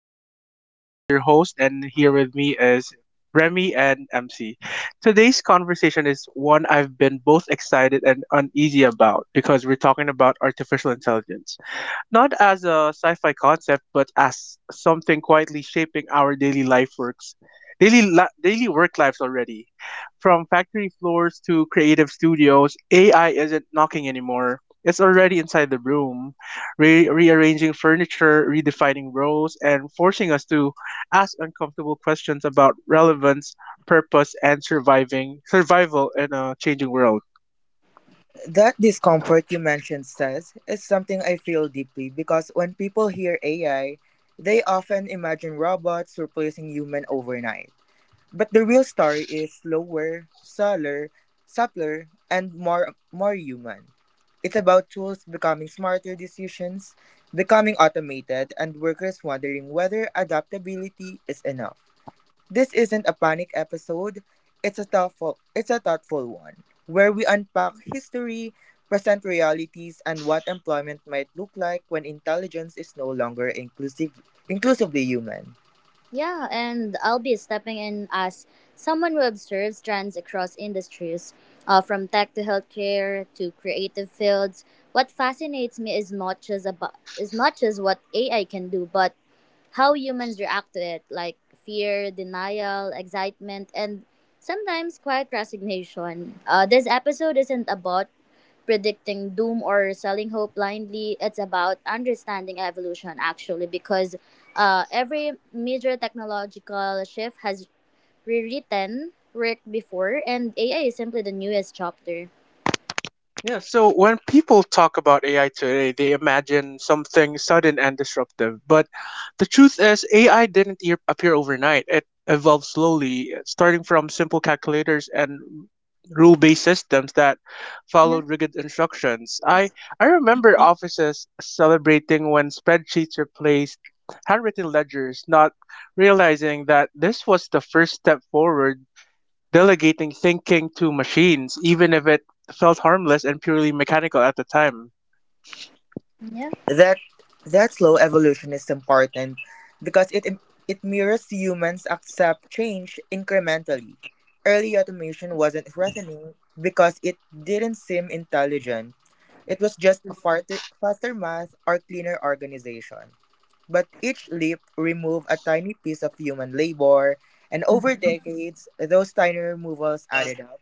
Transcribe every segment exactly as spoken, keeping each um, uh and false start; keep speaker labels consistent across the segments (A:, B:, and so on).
A: everyone. I'm Says your host, and here with me is Remy and M C. Today's conversation is one I've been both excited and uneasy about because we're talking about artificial intelligence not as a sci fi concept, but as something quietly shaping our daily life works. Daily, li- daily work lives already. From factory floors to creative studios, A I isn't knocking anymore. It's already inside the room, re- rearranging furniture, redefining roles, and forcing us to ask uncomfortable questions about relevance, purpose, and surviving survival in a changing world.
B: That discomfort you mentioned, says is something I feel deeply because when people hear A I, they often imagine robots replacing human overnight. But the real story is slower, subtler, subtler, and more more human. It's about tools becoming smarter decisions, becoming automated, and workers wondering whether adaptability is enough. This isn't a panic episode. It's a thoughtful it's a thoughtful one where we unpack history, present realities and what employment might look like when intelligence is no longer inclusive inclusively human.
C: Yeah, and I'll be stepping in as someone who observes trends across industries, uh, from tech to healthcare to creative fields. What fascinates me is not just about is not just what A I can do, but how humans react to it, like fear, denial, excitement, and sometimes quiet resignation. Uh, this episode isn't about predicting doom or selling hope blindly. It's about understanding evolution actually, because uh, every major technological shift has rewritten work before, and A I is simply the newest chapter.
A: Yeah, so when people talk about A I today, they imagine something sudden and disruptive. But the truth is, A I didn't e- appear overnight. It evolved slowly, starting from simple calculators and rule based systems that
C: Yeah,
A: followed rigid instructions. I, I remember offices celebrating when spreadsheets replaced handwritten ledgers, not realizing that this was the first step forward delegating thinking to machines, even if it felt harmless and purely mechanical at the time.
C: yeah.
B: That that slow evolution is important because it it mirrors humans accept change incrementally. Early automation wasn't threatening because it didn't seem intelligent. It was just a farther, faster math or cleaner organization. But each leap removed a tiny piece of human labor, and over decades, those tiny removals added up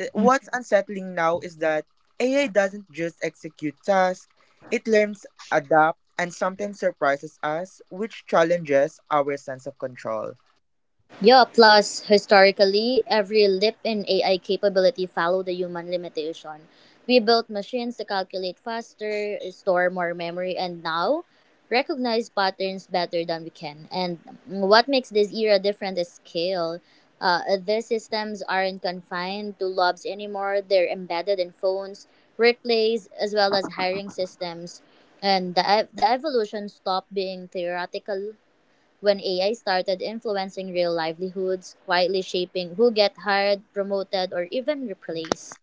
B: uh, What's unsettling now is that A I doesn't just execute tasks, it learns, adapts, and sometimes surprises us, which challenges our sense of control.
C: Yeah, plus historically, every leap in A I capability followed the human limitation. We built machines to calculate faster, store more memory, and now recognize patterns better than we can. And what makes this era different is scale. Uh, these systems aren't confined to labs anymore, they're embedded in phones, workplaces, as well as hiring systems. And the, ev- the evolution stopped being theoretical when A I started influencing real livelihoods, quietly shaping who get hired, promoted, or even replaced.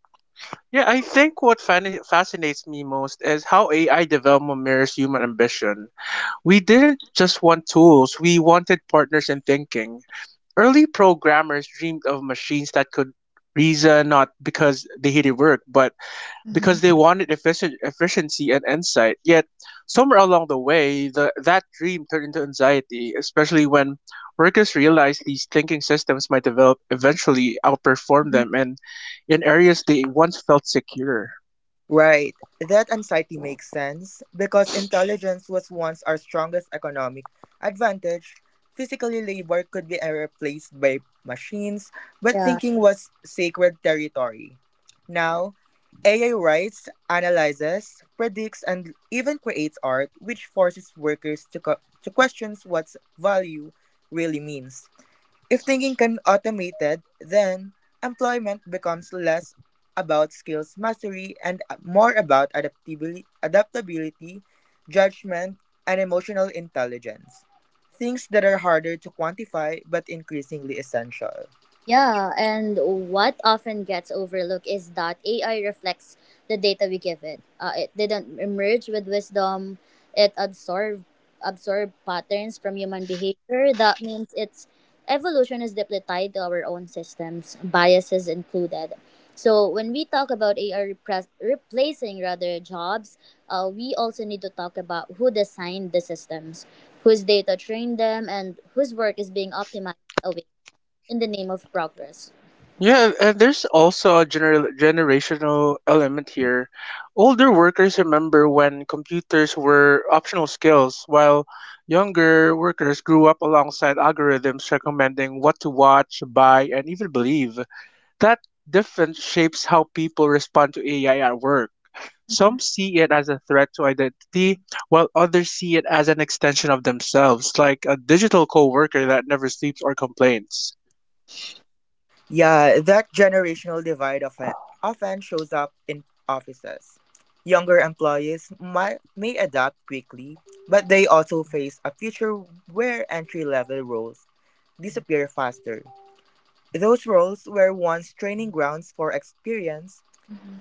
A: Yeah, I think what fan- fascinates me most is how A I development mirrors human ambition. We didn't just want tools, we wanted partners in thinking. Early programmers dreamed of machines that could reason not because they hated work, but because they wanted efficient, efficiency and insight. Yet, somewhere along the way, the, that dream turned into anxiety, especially when workers realized these thinking systems might develop eventually outperform them and in areas they once felt secure.
B: Right. That anxiety makes sense because intelligence was once our strongest economic advantage. Physically, labor could be uh, replaced by machines, but thinking was sacred territory. Now, A I writes, analyzes, predicts, and even creates art, which forces workers to, co- to question what value really means. If thinking can be automated, then employment becomes less about skills mastery and uh, more about adaptabili- adaptability, judgment, and emotional intelligence. Things that are harder to quantify but increasingly essential.
C: Yeah, and what often gets overlooked is that A I reflects the data we give it. Uh, it didn't emerge with wisdom. It absorbed absorbed patterns from human behavior. That means its evolution is deeply tied to our own systems, biases included. So when we talk about A I repres- replacing rather jobs, uh, we also need to talk about who designed the systems, whose data trained them, and whose work is being optimized in the name of progress.
A: Yeah, and there's also a gener- generational element here. Older workers remember when computers were optional skills, while younger workers grew up alongside algorithms recommending what to watch, buy, and even believe. That difference shapes how people respond to A I at work. Some see it as a threat to identity, while others see it as an extension of themselves, like a digital coworker that never sleeps or complains.
B: Yeah, that generational divide often, often shows up in offices. Younger employees might, may adapt quickly, but they also face a future where entry level roles disappear faster. Those roles were once training grounds for experience.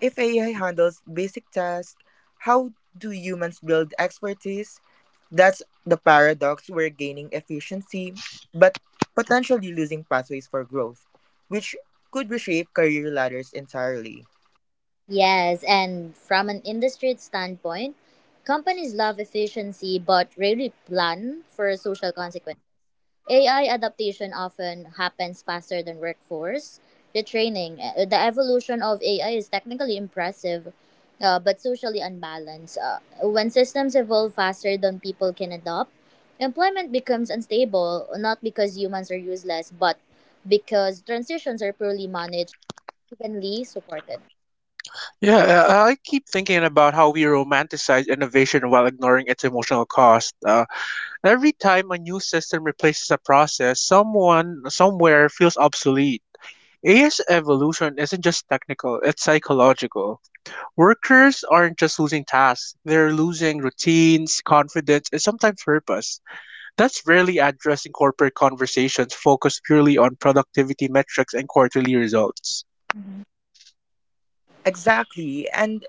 B: If A I handles basic tasks, how do humans build expertise? That's the paradox. We're gaining efficiency, but potentially losing pathways for growth, which could reshape career ladders entirely.
C: Yes, and from an industry standpoint, companies love efficiency but rarely plan for social consequences. A I adaptation often happens faster than workforce. The training, uh, the evolution of A I is technically impressive, uh, but socially unbalanced. Uh, when systems evolve faster than people can adopt, employment becomes unstable, not because humans are useless, but because transitions are poorly managed evenly supported.
A: Yeah, uh, I keep thinking about how we romanticize innovation while ignoring its emotional cost. Uh, every time a new system replaces a process, someone somewhere feels obsolete. A I's evolution isn't just technical, it's psychological. Workers aren't just losing tasks, they're losing routines, confidence, and sometimes purpose. That's rarely addressed in corporate conversations focused purely on productivity metrics and quarterly results.
B: Exactly, and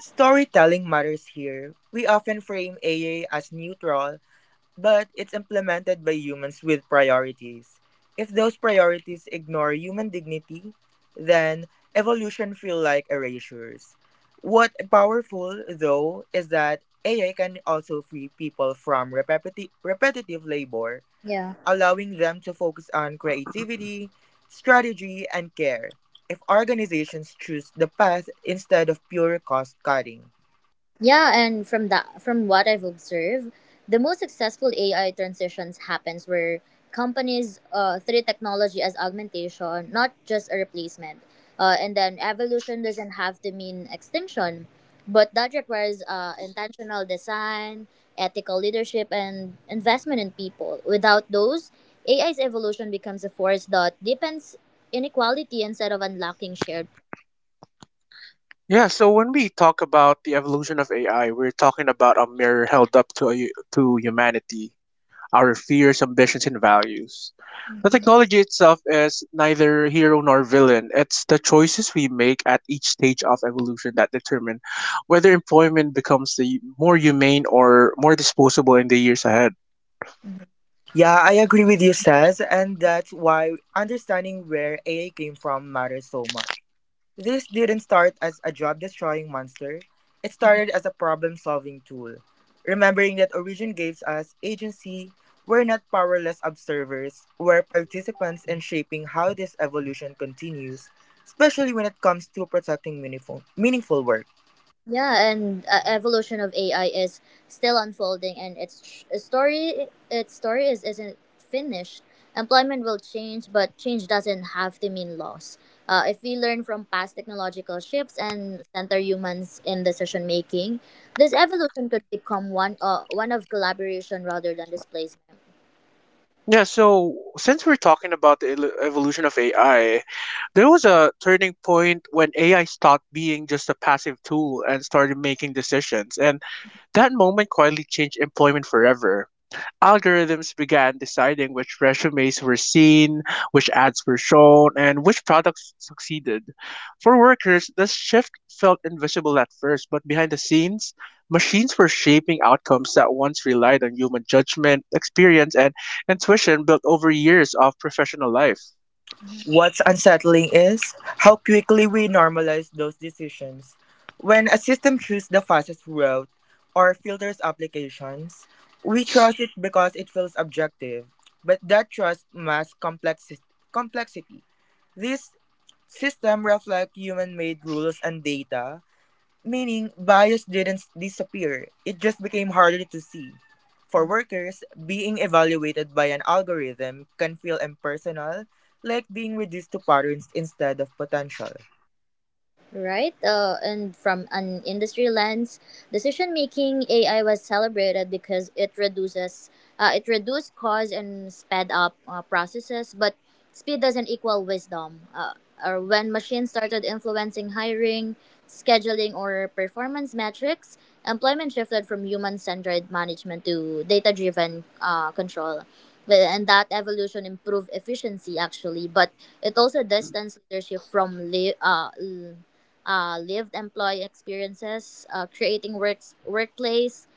B: storytelling matters here. We often frame A I as neutral, but it's implemented by humans with priorities. If those priorities ignore human dignity, then evolution feel like erasures. What powerful though is that A I can also free people from repetitive repetitive labor,
C: Yeah.
B: allowing them to focus on creativity, strategy, and care. If organizations choose the path instead of pure cost cutting,
C: Yeah, and from that from what I've observed, the most successful A I transitions happens where companies uh, treat technology as augmentation, not just a replacement. Uh, and then evolution doesn't have to mean extinction, but that requires uh, intentional design, ethical leadership, and investment in people. Without those, A I's evolution becomes a force that deepens inequality instead of unlocking shared.
A: Yeah, so when we talk about the evolution of A I, we're talking about a mirror held up to to humanity. Our fears, ambitions, and values. The technology itself is neither hero nor villain. It's the choices we make at each stage of evolution that determine whether employment becomes the more humane or more disposable in the years ahead.
B: Yeah, I agree with you, Saz, and that's why understanding where A I came from matters so much. This didn't start as a job destroying monster, it started as a problem solving tool. Remembering that origin gives us agency, we're not powerless observers, we're participants in shaping how this evolution continues, especially when it comes to protecting meaningful, meaningful work.
C: Yeah, and uh, evolution of A I is still unfolding, and its tr- story its story is isn't finished. Employment will change, but change doesn't have to mean loss. Uh, if we learn from past technological shifts and center humans in decision making, this evolution could become one uh, one of collaboration rather than displacement.
A: Yeah, so since we're talking about the el- evolution of A I, there was a turning point when A I stopped being just a passive tool and started making decisions. And that moment quietly changed employment forever. Algorithms began deciding which resumes were seen, which ads were shown, and which products succeeded. For workers, this shift felt invisible at first, but behind the scenes, machines were shaping outcomes that once relied on human judgment, experience, and intuition built over years of professional life.
C: Mm-hmm.
B: What's unsettling is how quickly we normalize those decisions. When a system chooses the fastest route or filters applications, we trust it because it feels objective, but that trust masks complexi- complexity. This system reflects human made rules and data, meaning bias didn't disappear, it just became harder to see. For workers, being evaluated by an algorithm can feel impersonal, like being reduced to patterns instead of potential.
C: Right? Uh, and from an industry lens, decision making A I was celebrated because it reduces, uh, it reduced costs and sped up uh, processes. But speed doesn't equal wisdom. Uh, or when machines started influencing hiring, scheduling, or performance metrics, employment shifted from human centered management to data driven uh, control. But- And that evolution improved efficiency actually, but it also distanced leadership from li- uh, uh, lived employee experiences, uh, creating works workplace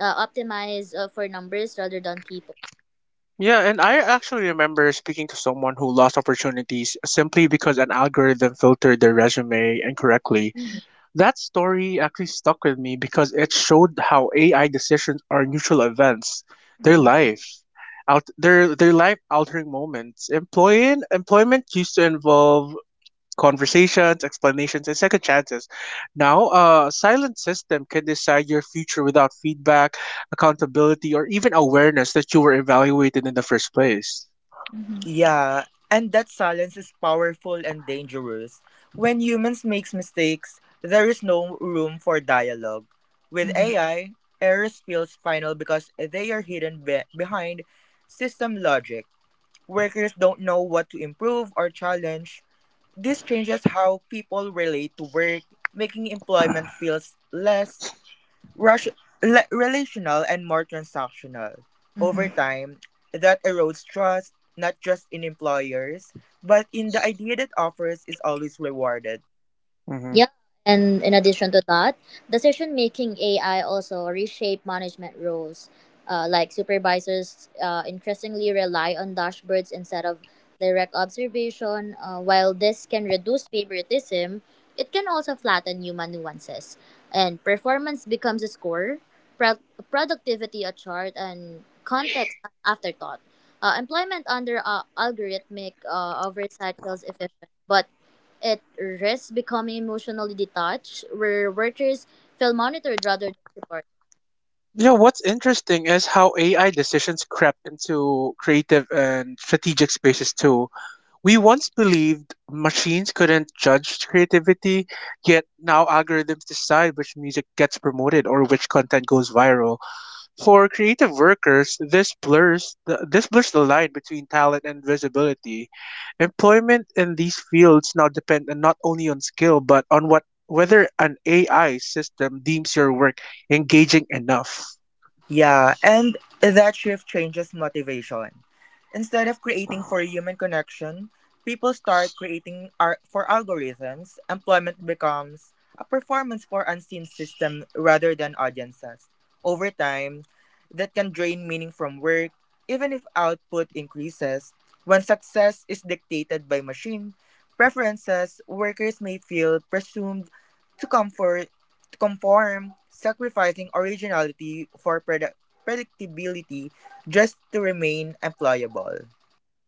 C: uh, optimized uh, for numbers rather than people.
A: Yeah, and I actually remember speaking to someone who lost opportunities simply because an algorithm filtered their resume incorrectly. That story actually stuck with me because it showed how A I decisions are neutral events. Their life, out their their life altering moments. Employing Employment used to involve conversations, explanations, and second chances. Now, a silent system can decide your future without feedback, accountability, or even awareness that you were evaluated in the first place.
C: Mm-hmm.
B: Yeah, and that silence is powerful and dangerous. When humans makes mistakes, there is no room for dialogue. With
C: Mm-hmm.
B: A I, errors feels final because they are hidden be- behind system logic. Workers don't know what to improve or challenge. This changes how people relate to work, making employment feels less rush, le- relational and more transactional. Over
C: Mm-hmm.
B: time, that erodes trust, not just in employers, but in the idea that offers is always rewarded.
A: Hmm.
C: Yeah, and in addition to that, decision making A I also reshape management roles. Uh, like supervisors uh, increasingly rely on dashboards instead of direct observation. Uh, while this can reduce favoritism, it can also flatten human nuances. And performance becomes a score, pro- productivity a chart, and context an afterthought. Uh, employment under uh, algorithmic uh, oversight feels efficient, but it risks becoming emotionally detached, where workers feel monitored rather than supported.
A: Yeah, what's interesting is how A I decisions crept into creative and strategic spaces too. We once believed machines couldn't judge creativity, yet now algorithms decide which music gets promoted or which content goes viral. For creative workers, this blurs the, this blurs the line between talent and visibility. Employment in these fields now depend on not only on skill but on what whether an A I system deems your work engaging enough.
B: Yeah, and that shift changes motivation. Instead of creating for human connection, people start creating ar- for algorithms. Employment becomes a performance for unseen system rather than audiences. Over time, that can drain meaning from work, even if output increases. When success is dictated by machine preferences, workers may feel presumed to comfort to conform, sacrificing originality for predi- predictability just to remain employable.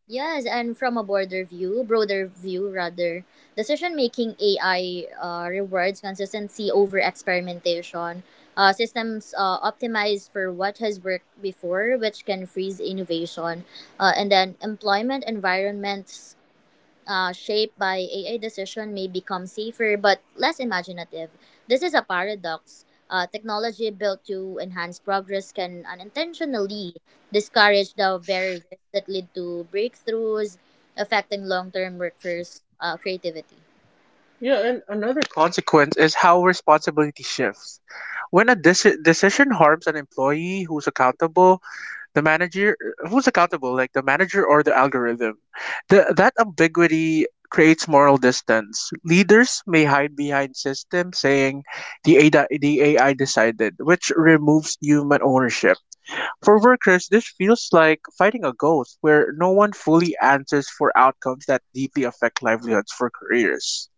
C: Yes, and from a broader view, broader view rather, decision-making A I uh, rewards consistency over experimentation. Uh, systems uh, optimized for what has worked before, which can freeze innovation. Uh, and then employment environments uh, shaped by A I decision may become safer but less imaginative. This is a paradox. Uh, technology built to enhance progress can unintentionally discourage the very risks that lead to breakthroughs, affecting long term workforce uh, creativity.
A: Yeah, and another consequence is how responsibility shifts. When a deci- decision harms an employee who's accountable, the manager who's accountable, like the manager or the algorithm, the, that ambiguity creates moral distance. Leaders may hide behind systems saying the A I, the A I decided, which removes human ownership. For workers, this feels like fighting a ghost where no one fully answers for outcomes that deeply affect livelihoods for careers.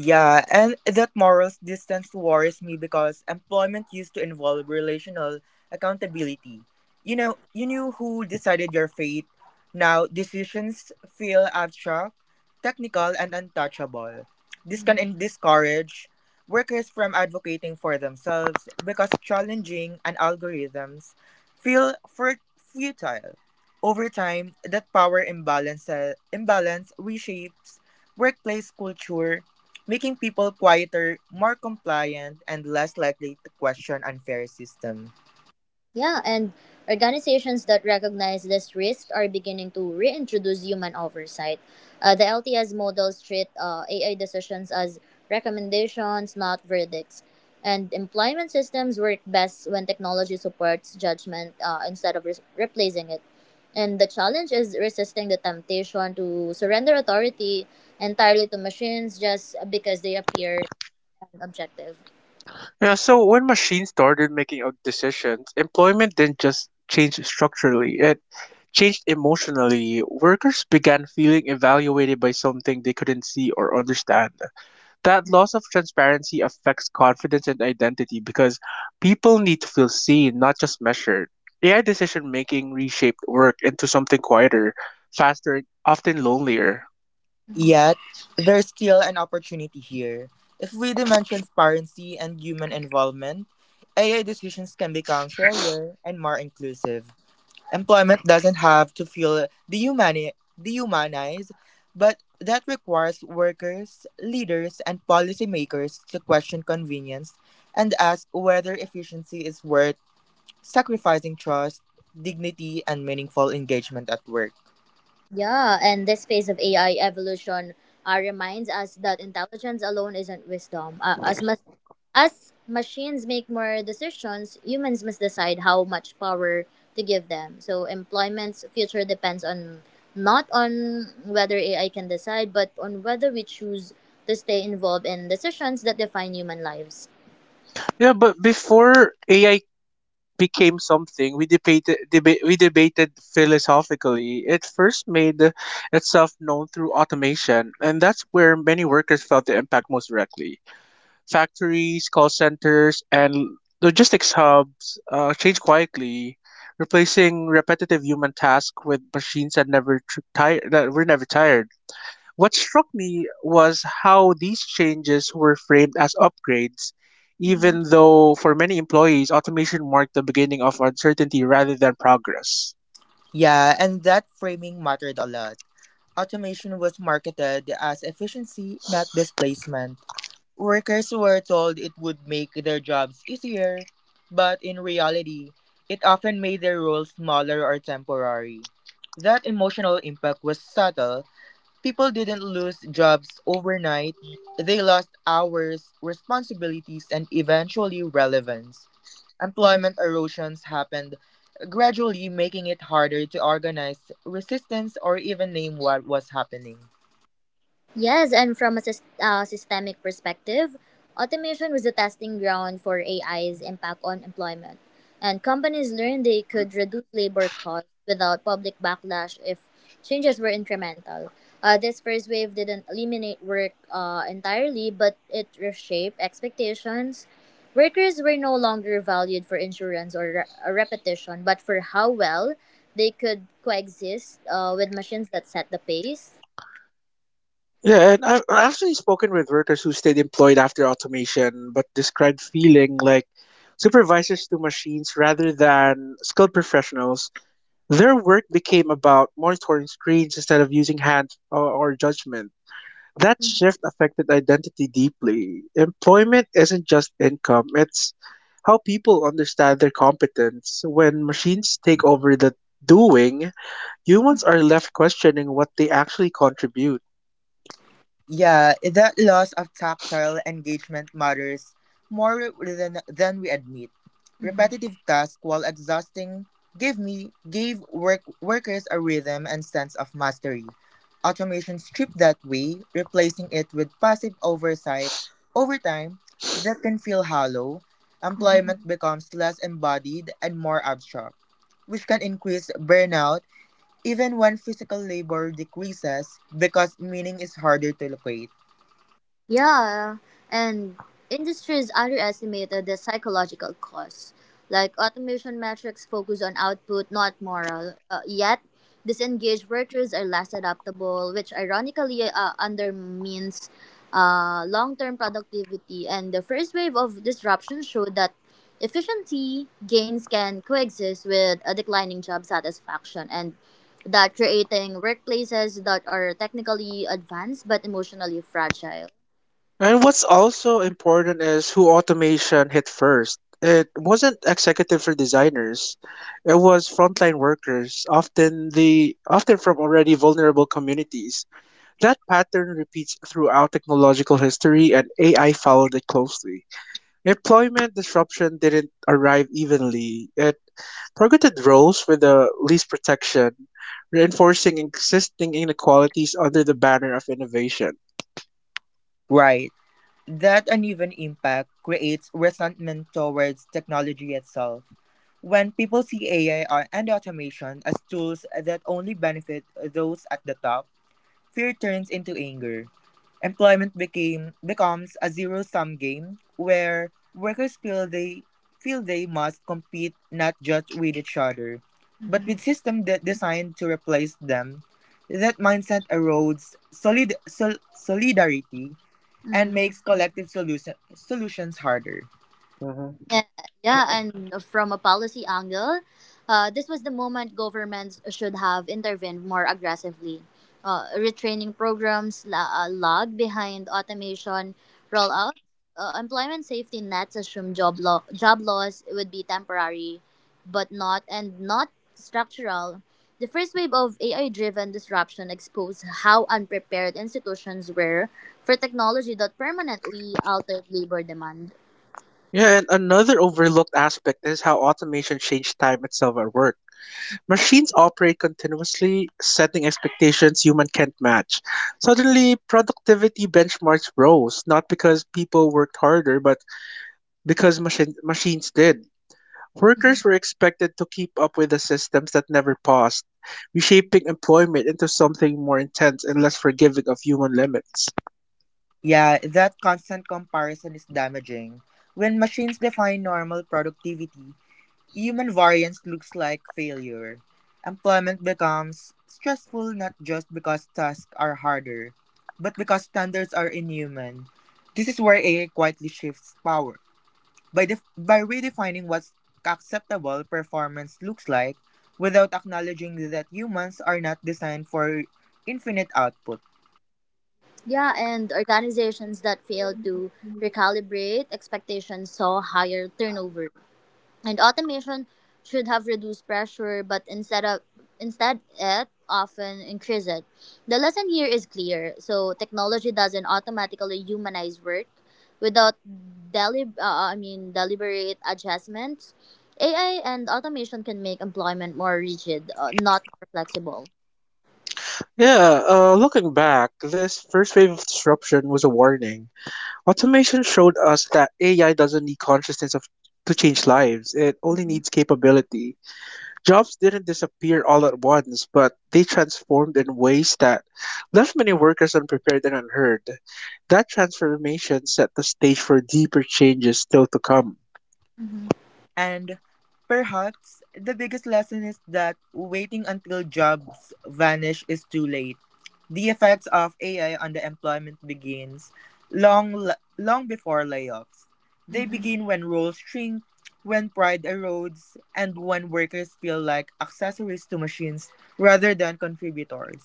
B: Yeah, and that moral distance worries me because employment used to involve relational accountability. You know, you knew who decided your fate. Now, decisions feel abstract, technical, and untouchable. This can en- discourage workers from advocating for themselves because challenging an algorithms feel fur- futile. Over time, that power imbalance, imbalance reshapes workplace culture making people quieter, more compliant, and less likely to question unfair system.
C: Yeah, and organizations that recognize this risk are beginning to reintroduce human oversight. Uh, the L T S models treat uh, A I decisions as recommendations, not verdicts. And employment systems work best when technology supports judgment uh, instead of re- replacing it. And the challenge is resisting the temptation to surrender authority entirely to machines just because they appear objective.
A: Yeah, so when machines started making uh, decisions, employment didn't just change structurally, it changed emotionally. Workers began feeling evaluated by something they couldn't see or understand. That loss of transparency affects confidence and identity because people need to feel seen, not just measured. A I decision making reshaped work into something quieter, faster, and often lonelier.
C: Mm-hmm.
B: Yet, there's still an opportunity here. If we demand transparency and human involvement, A I decisions can become fairer and more inclusive. Employment doesn't have to feel dehumani- dehumanized, but that requires workers, leaders, and policymakers to question convenience and ask whether efficiency is worth sacrificing trust, dignity, and meaningful engagement at work.
C: Yeah, and this phase of A I evolution uh, reminds us that intelligence alone isn't wisdom. Uh, as much as machines make more decisions, humans must decide how much power to give them. So employment's future depends on not on whether A I can decide, but on whether we choose to stay involved in decisions that define human lives.
A: Yeah, but before A I became something we debated deba- we debated philosophically. It first made itself known through automation, and that's where many workers felt the impact most directly. Factories, call centers, and logistics hubs uh, changed quietly, replacing repetitive human tasks with machines that never tr- tire that were never tired. What struck me was how these changes were framed as upgrades, even though for many employees, automation marked the beginning of uncertainty rather than progress.
B: Yeah, and that framing mattered a lot. Automation was marketed as efficiency, not displacement. Workers were told it would make their jobs easier, but in reality, it often made their roles smaller or temporary. That emotional impact was subtle. People didn't lose jobs overnight, they lost hours, responsibilities, and eventually relevance. Employment erosions happened, gradually making it harder to organize resistance or even name what was happening.
C: Yes, and from a sys- uh, systemic perspective, automation was a testing ground for A I's impact on employment. And companies learned they could reduce labor costs without public backlash if changes were incremental. Uh, this first wave didn't eliminate work uh, entirely, but it reshaped expectations. Workers were no longer valued for insurance or re- uh, repetition, but for how well they could coexist uh, with machines that set the pace.
A: Yeah, and I've I've actually spoken with workers who stayed employed after automation, but described feeling like supervisors to machines rather than skilled professionals. Their work became about monitoring screens instead of using hands or, or judgment. That shift affected identity deeply. Employment isn't just income, it's how people understand their competence. When machines take over the doing, humans are left questioning what they actually contribute.
B: Yeah, eh, that loss of tactile engagement matters more than, than we admit. Repetitive tasks, while exhausting, give me gave work workers a rhythm and sense of mastery. Automation stripped that way, replacing it with passive oversight. Over time, that can feel hollow. Employment becomes less embodied and more abstract, which can increase burnout even when physical labor decreases because meaning is harder to locate.
C: Yeah, and industries underestimated the psychological costs. Like automation metrics focus on output, not moral. Uh, yet, disengaged workers are less adaptable, which ironically uh, undermines uh, long term productivity. And the first wave of disruption showed that efficiency gains can coexist with a declining job satisfaction and that creating workplaces that are technically advanced but emotionally fragile.
A: And what's also important is who automation hit first. It wasn't executives or designers. It was frontline workers, often the often from already vulnerable communities. That pattern repeats throughout technological history and A I followed it closely. Employment disruption didn't arrive evenly. It targeted roles with the least protection, reinforcing existing inequalities under the banner of innovation.
B: Right. That uneven impact creates resentment towards technology itself. When people see A I or- and automation as tools that only benefit those at the top, fear turns into anger. Employment became becomes a zero-sum game where workers feel they feel they must compete not just with each other, but with systems that designed to replace them. That mindset erodes solid sol- solidarity and makes collective solution, solutions harder.
A: Hmm.
C: Yeah, yeah, and from a policy angle, uh, this was the moment governments should have intervened more aggressively. Uh, retraining programs la- uh, lag behind automation rollout. Uh, employment safety nets assume job lo- job loss would be temporary, but not and not structural. The first wave of A I-driven disruption exposed how unprepared institutions were for technology that permanently altered labor demand.
A: Yeah, and another overlooked aspect is how automation changed time itself at work. Machines operate continuously, setting expectations humans can't match. Suddenly, productivity benchmarks rose, not because people worked harder, but because machine, machines did. Workers were expected to keep up with the systems that never paused, reshaping employment into something more intense and less forgiving of human limits.
B: Yeah, that constant comparison is damaging. When machines define normal productivity, human variance looks like failure. Employment becomes stressful not just because tasks are harder, but because standards are inhuman. This is where A I quietly shifts power. By, def- by redefining what acceptable performance looks like, without acknowledging that humans are not designed for infinite output.
C: Yeah, and organizations that fail to recalibrate expectations saw higher turnover. And automation should have reduced pressure, but instead of instead it often increases it. The lesson here is clear. So technology doesn't automatically humanize work without deli- uh, uh, I mean deliberate adjustments. A I and automation can make employment more rigid, uh, not more flexible.
A: Yeah, uh, looking back, this first wave of disruption was a warning. Automation showed us that A I doesn't need consciousness of, to change lives, it only needs capability. Jobs didn't disappear all at once, but they transformed in ways that left many workers unprepared and unheard. That transformation set the stage for deeper changes still to come.
B: And perhaps the biggest lesson is that waiting until jobs vanish is too late. The effects of A I on the employment begins long long before layoffs. They begin when roles shrink, when pride erodes, and when workers feel like accessories to machines rather than contributors.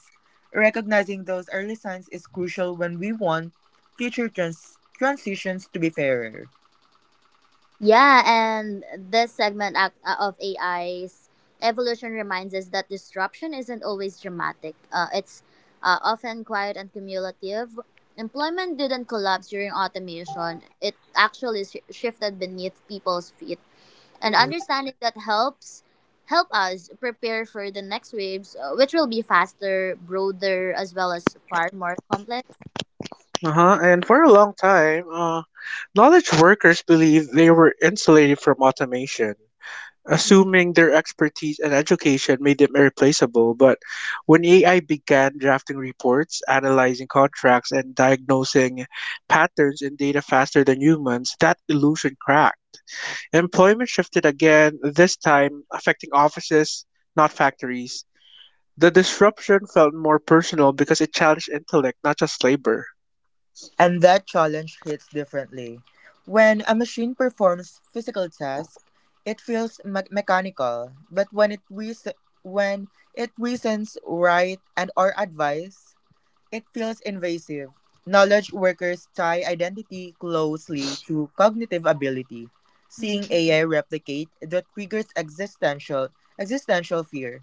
B: Recognizing those early signs is crucial when we want future trans- transitions to be fairer.
C: Yeah, and this segment ac- uh, of A I's evolution reminds us that disruption isn't always dramatic. Uh, it's uh, often quiet and cumulative. Employment didn't collapse during automation, it actually sh- shifted beneath people's feet. And understanding that helps help us prepare for the next waves, uh, which will be faster, broader, as well as far more complex.
A: Uh-huh. And for a long time, uh, knowledge workers believed they were insulated from automation,
C: Mhm,
A: assuming their expertise and education made them irreplaceable. But when A I began drafting reports, analyzing contracts, and diagnosing patterns in data faster than humans, that illusion cracked. Employment shifted again, this time affecting offices, not factories. The disruption felt more personal because it challenged intellect, not just labor.
B: And that challenge hits differently. When a machine performs physical tasks, it feels me- mechanical, but when it reas- when it reasons right and or advice, it feels invasive. Knowledge workers tie identity closely to cognitive ability. Seeing
C: mhm,
B: A I replicate that triggers existential existential fear.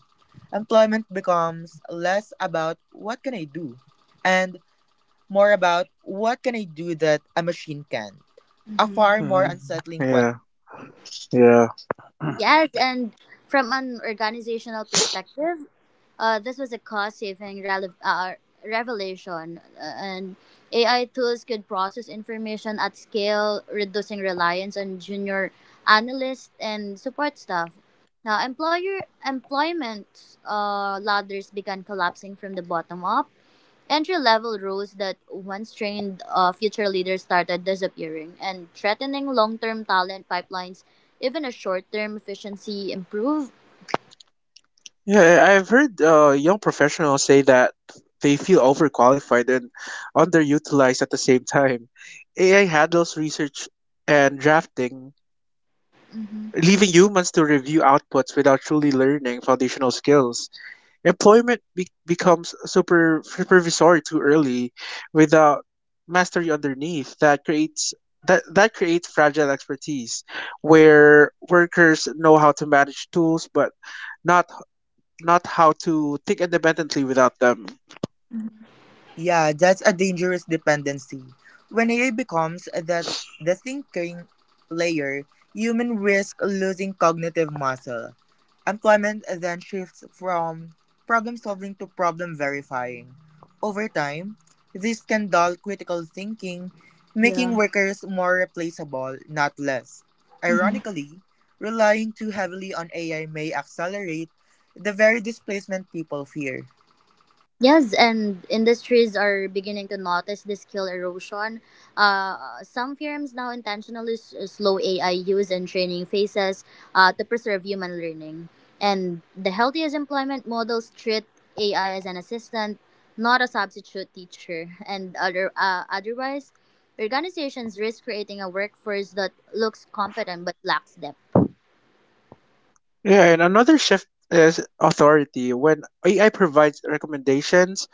B: Employment becomes less about what can I do and more about what can I do that a machine can. A
C: mhm.
B: far more
A: Mhm.
B: unsettling.
A: Yeah, yeah.
C: Yes, and from an organizational perspective, Uh, this was a cost-saving rele- uh, revelation, uh, and A I tools could process information at scale, reducing reliance on junior analysts and support staff. Now, employer employment uh, ladders began collapsing from the bottom up. Entry-level roles that once trained uh, future leaders started disappearing and threatening long-term talent pipelines. Even a short-term efficiency improve.
A: Yeah, I- have heard uh, young professionals say that they feel overqualified and underutilized at the same time. A I handles research and drafting, leaving humans to review outputs without truly learning foundational skills. Employment be- becomes super supervisory too early, without mastery underneath. That creates that that creates fragile expertise, where workers know how to manage tools but not not how to think independently without them.
B: Yeah, that's a dangerous dependency. When A I becomes that the thinking layer, human risk losing cognitive muscle. Employment then shifts from problem solving to problem verifying. Over time, this can dull critical thinking, making
C: Yeah.
B: workers more replaceable, not less.
C: Mhm.
B: Ironically, relying too heavily on A I may accelerate the very displacement people fear.
C: Yes, and industries are beginning to notice the skill erosion. Uh, some firms now intentionally s- slow A I use and training phases uh, to preserve human learning. And the healthiest employment models treat A I as an assistant, not a substitute teacher. And other, uh, otherwise, organizations risk creating a workforce that looks competent but lacks depth.
A: Yeah, and another shift is authority. When A I provides recommendations,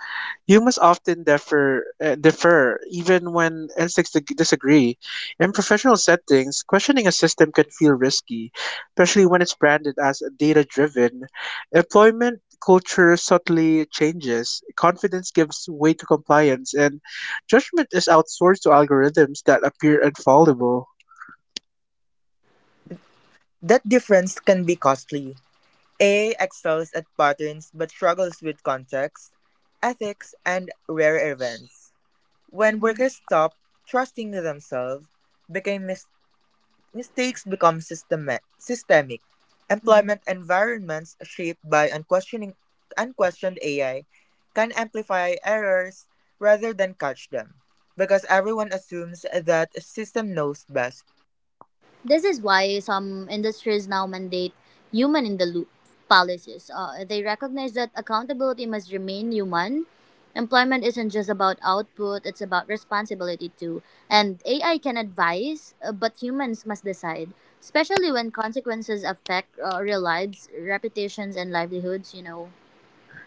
A: humans often differ, uh, differ even when instincts dig- disagree. In professional settings, questioning a system can feel risky, especially when it's branded as data driven. Employment culture subtly changes, confidence gives way to compliance, and judgment is outsourced to algorithms that appear infallible.
B: That difference can be costly. A excels at patterns but struggles with context, ethics, and rare events. When workers stop trusting themselves, became mis- mistakes become systema- systemic. Employment environments shaped by unquestioning unquestioned A I can amplify errors rather than catch them because everyone assumes that a system knows best.
C: This is why some industries now mandate human in the loop policies. Uh, they recognize that accountability must remain human. Employment isn't just about output, it's about responsibility too. And A I can advise, uh, but humans must decide, especially when consequences affect uh, real lives, reputations, and livelihoods, you know.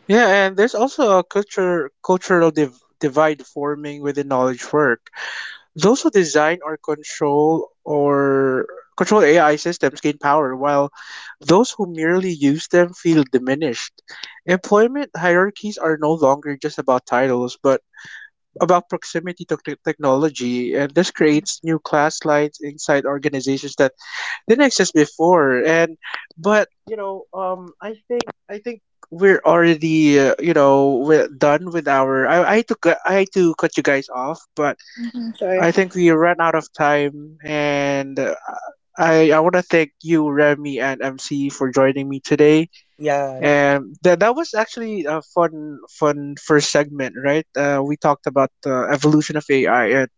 A: Yeah, and there's also a culture, cultural div- divide forming within knowledge work. Those who design or control or control A I systems gain power, while those who merely use them feel diminished. Employment hierarchies are no longer just about titles, but about proximity to te- technology, and this creates new class lines inside organizations that didn't exist before. And but you know, um, I think I think we're already uh, you know we're done with our. I I had to cut- I had to cut you guys off, but
C: Sure.
A: I think we ran out of time, and uh, I I want to thank you, Remy and M C, for joining me today.
C: Yeah.
B: Yeah,
A: And that that was actually a fun fun first segment, right? Uh, we talked about the evolution of A I, and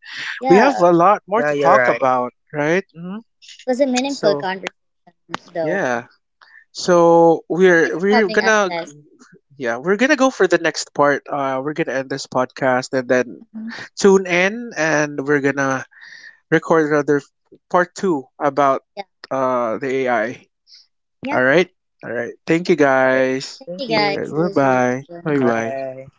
A: we have
C: Yeah.
A: a lot more
B: yeah,
A: to
B: you're
A: talk
B: right.
A: about, right? Hmm.
C: It was a meaningful
A: So
C: conversation, though.
A: yeah, so
C: Thank
A: we're
C: you for
A: we're
C: having us,
A: gonna
C: Tess.
A: yeah we're gonna go for the next part. Uh, we're gonna end this podcast, and then tune in, and we're gonna record rather part two about
C: Yeah.
A: uh the A I.
C: Yeah.
A: All right, all right. Thank you
B: Right.
A: guys.
C: Thank
B: Thank
C: you
B: you.
A: All
C: guys.
A: right,
C: See you
A: bye bye. Bye
C: soon.
A: bye.
B: Bye.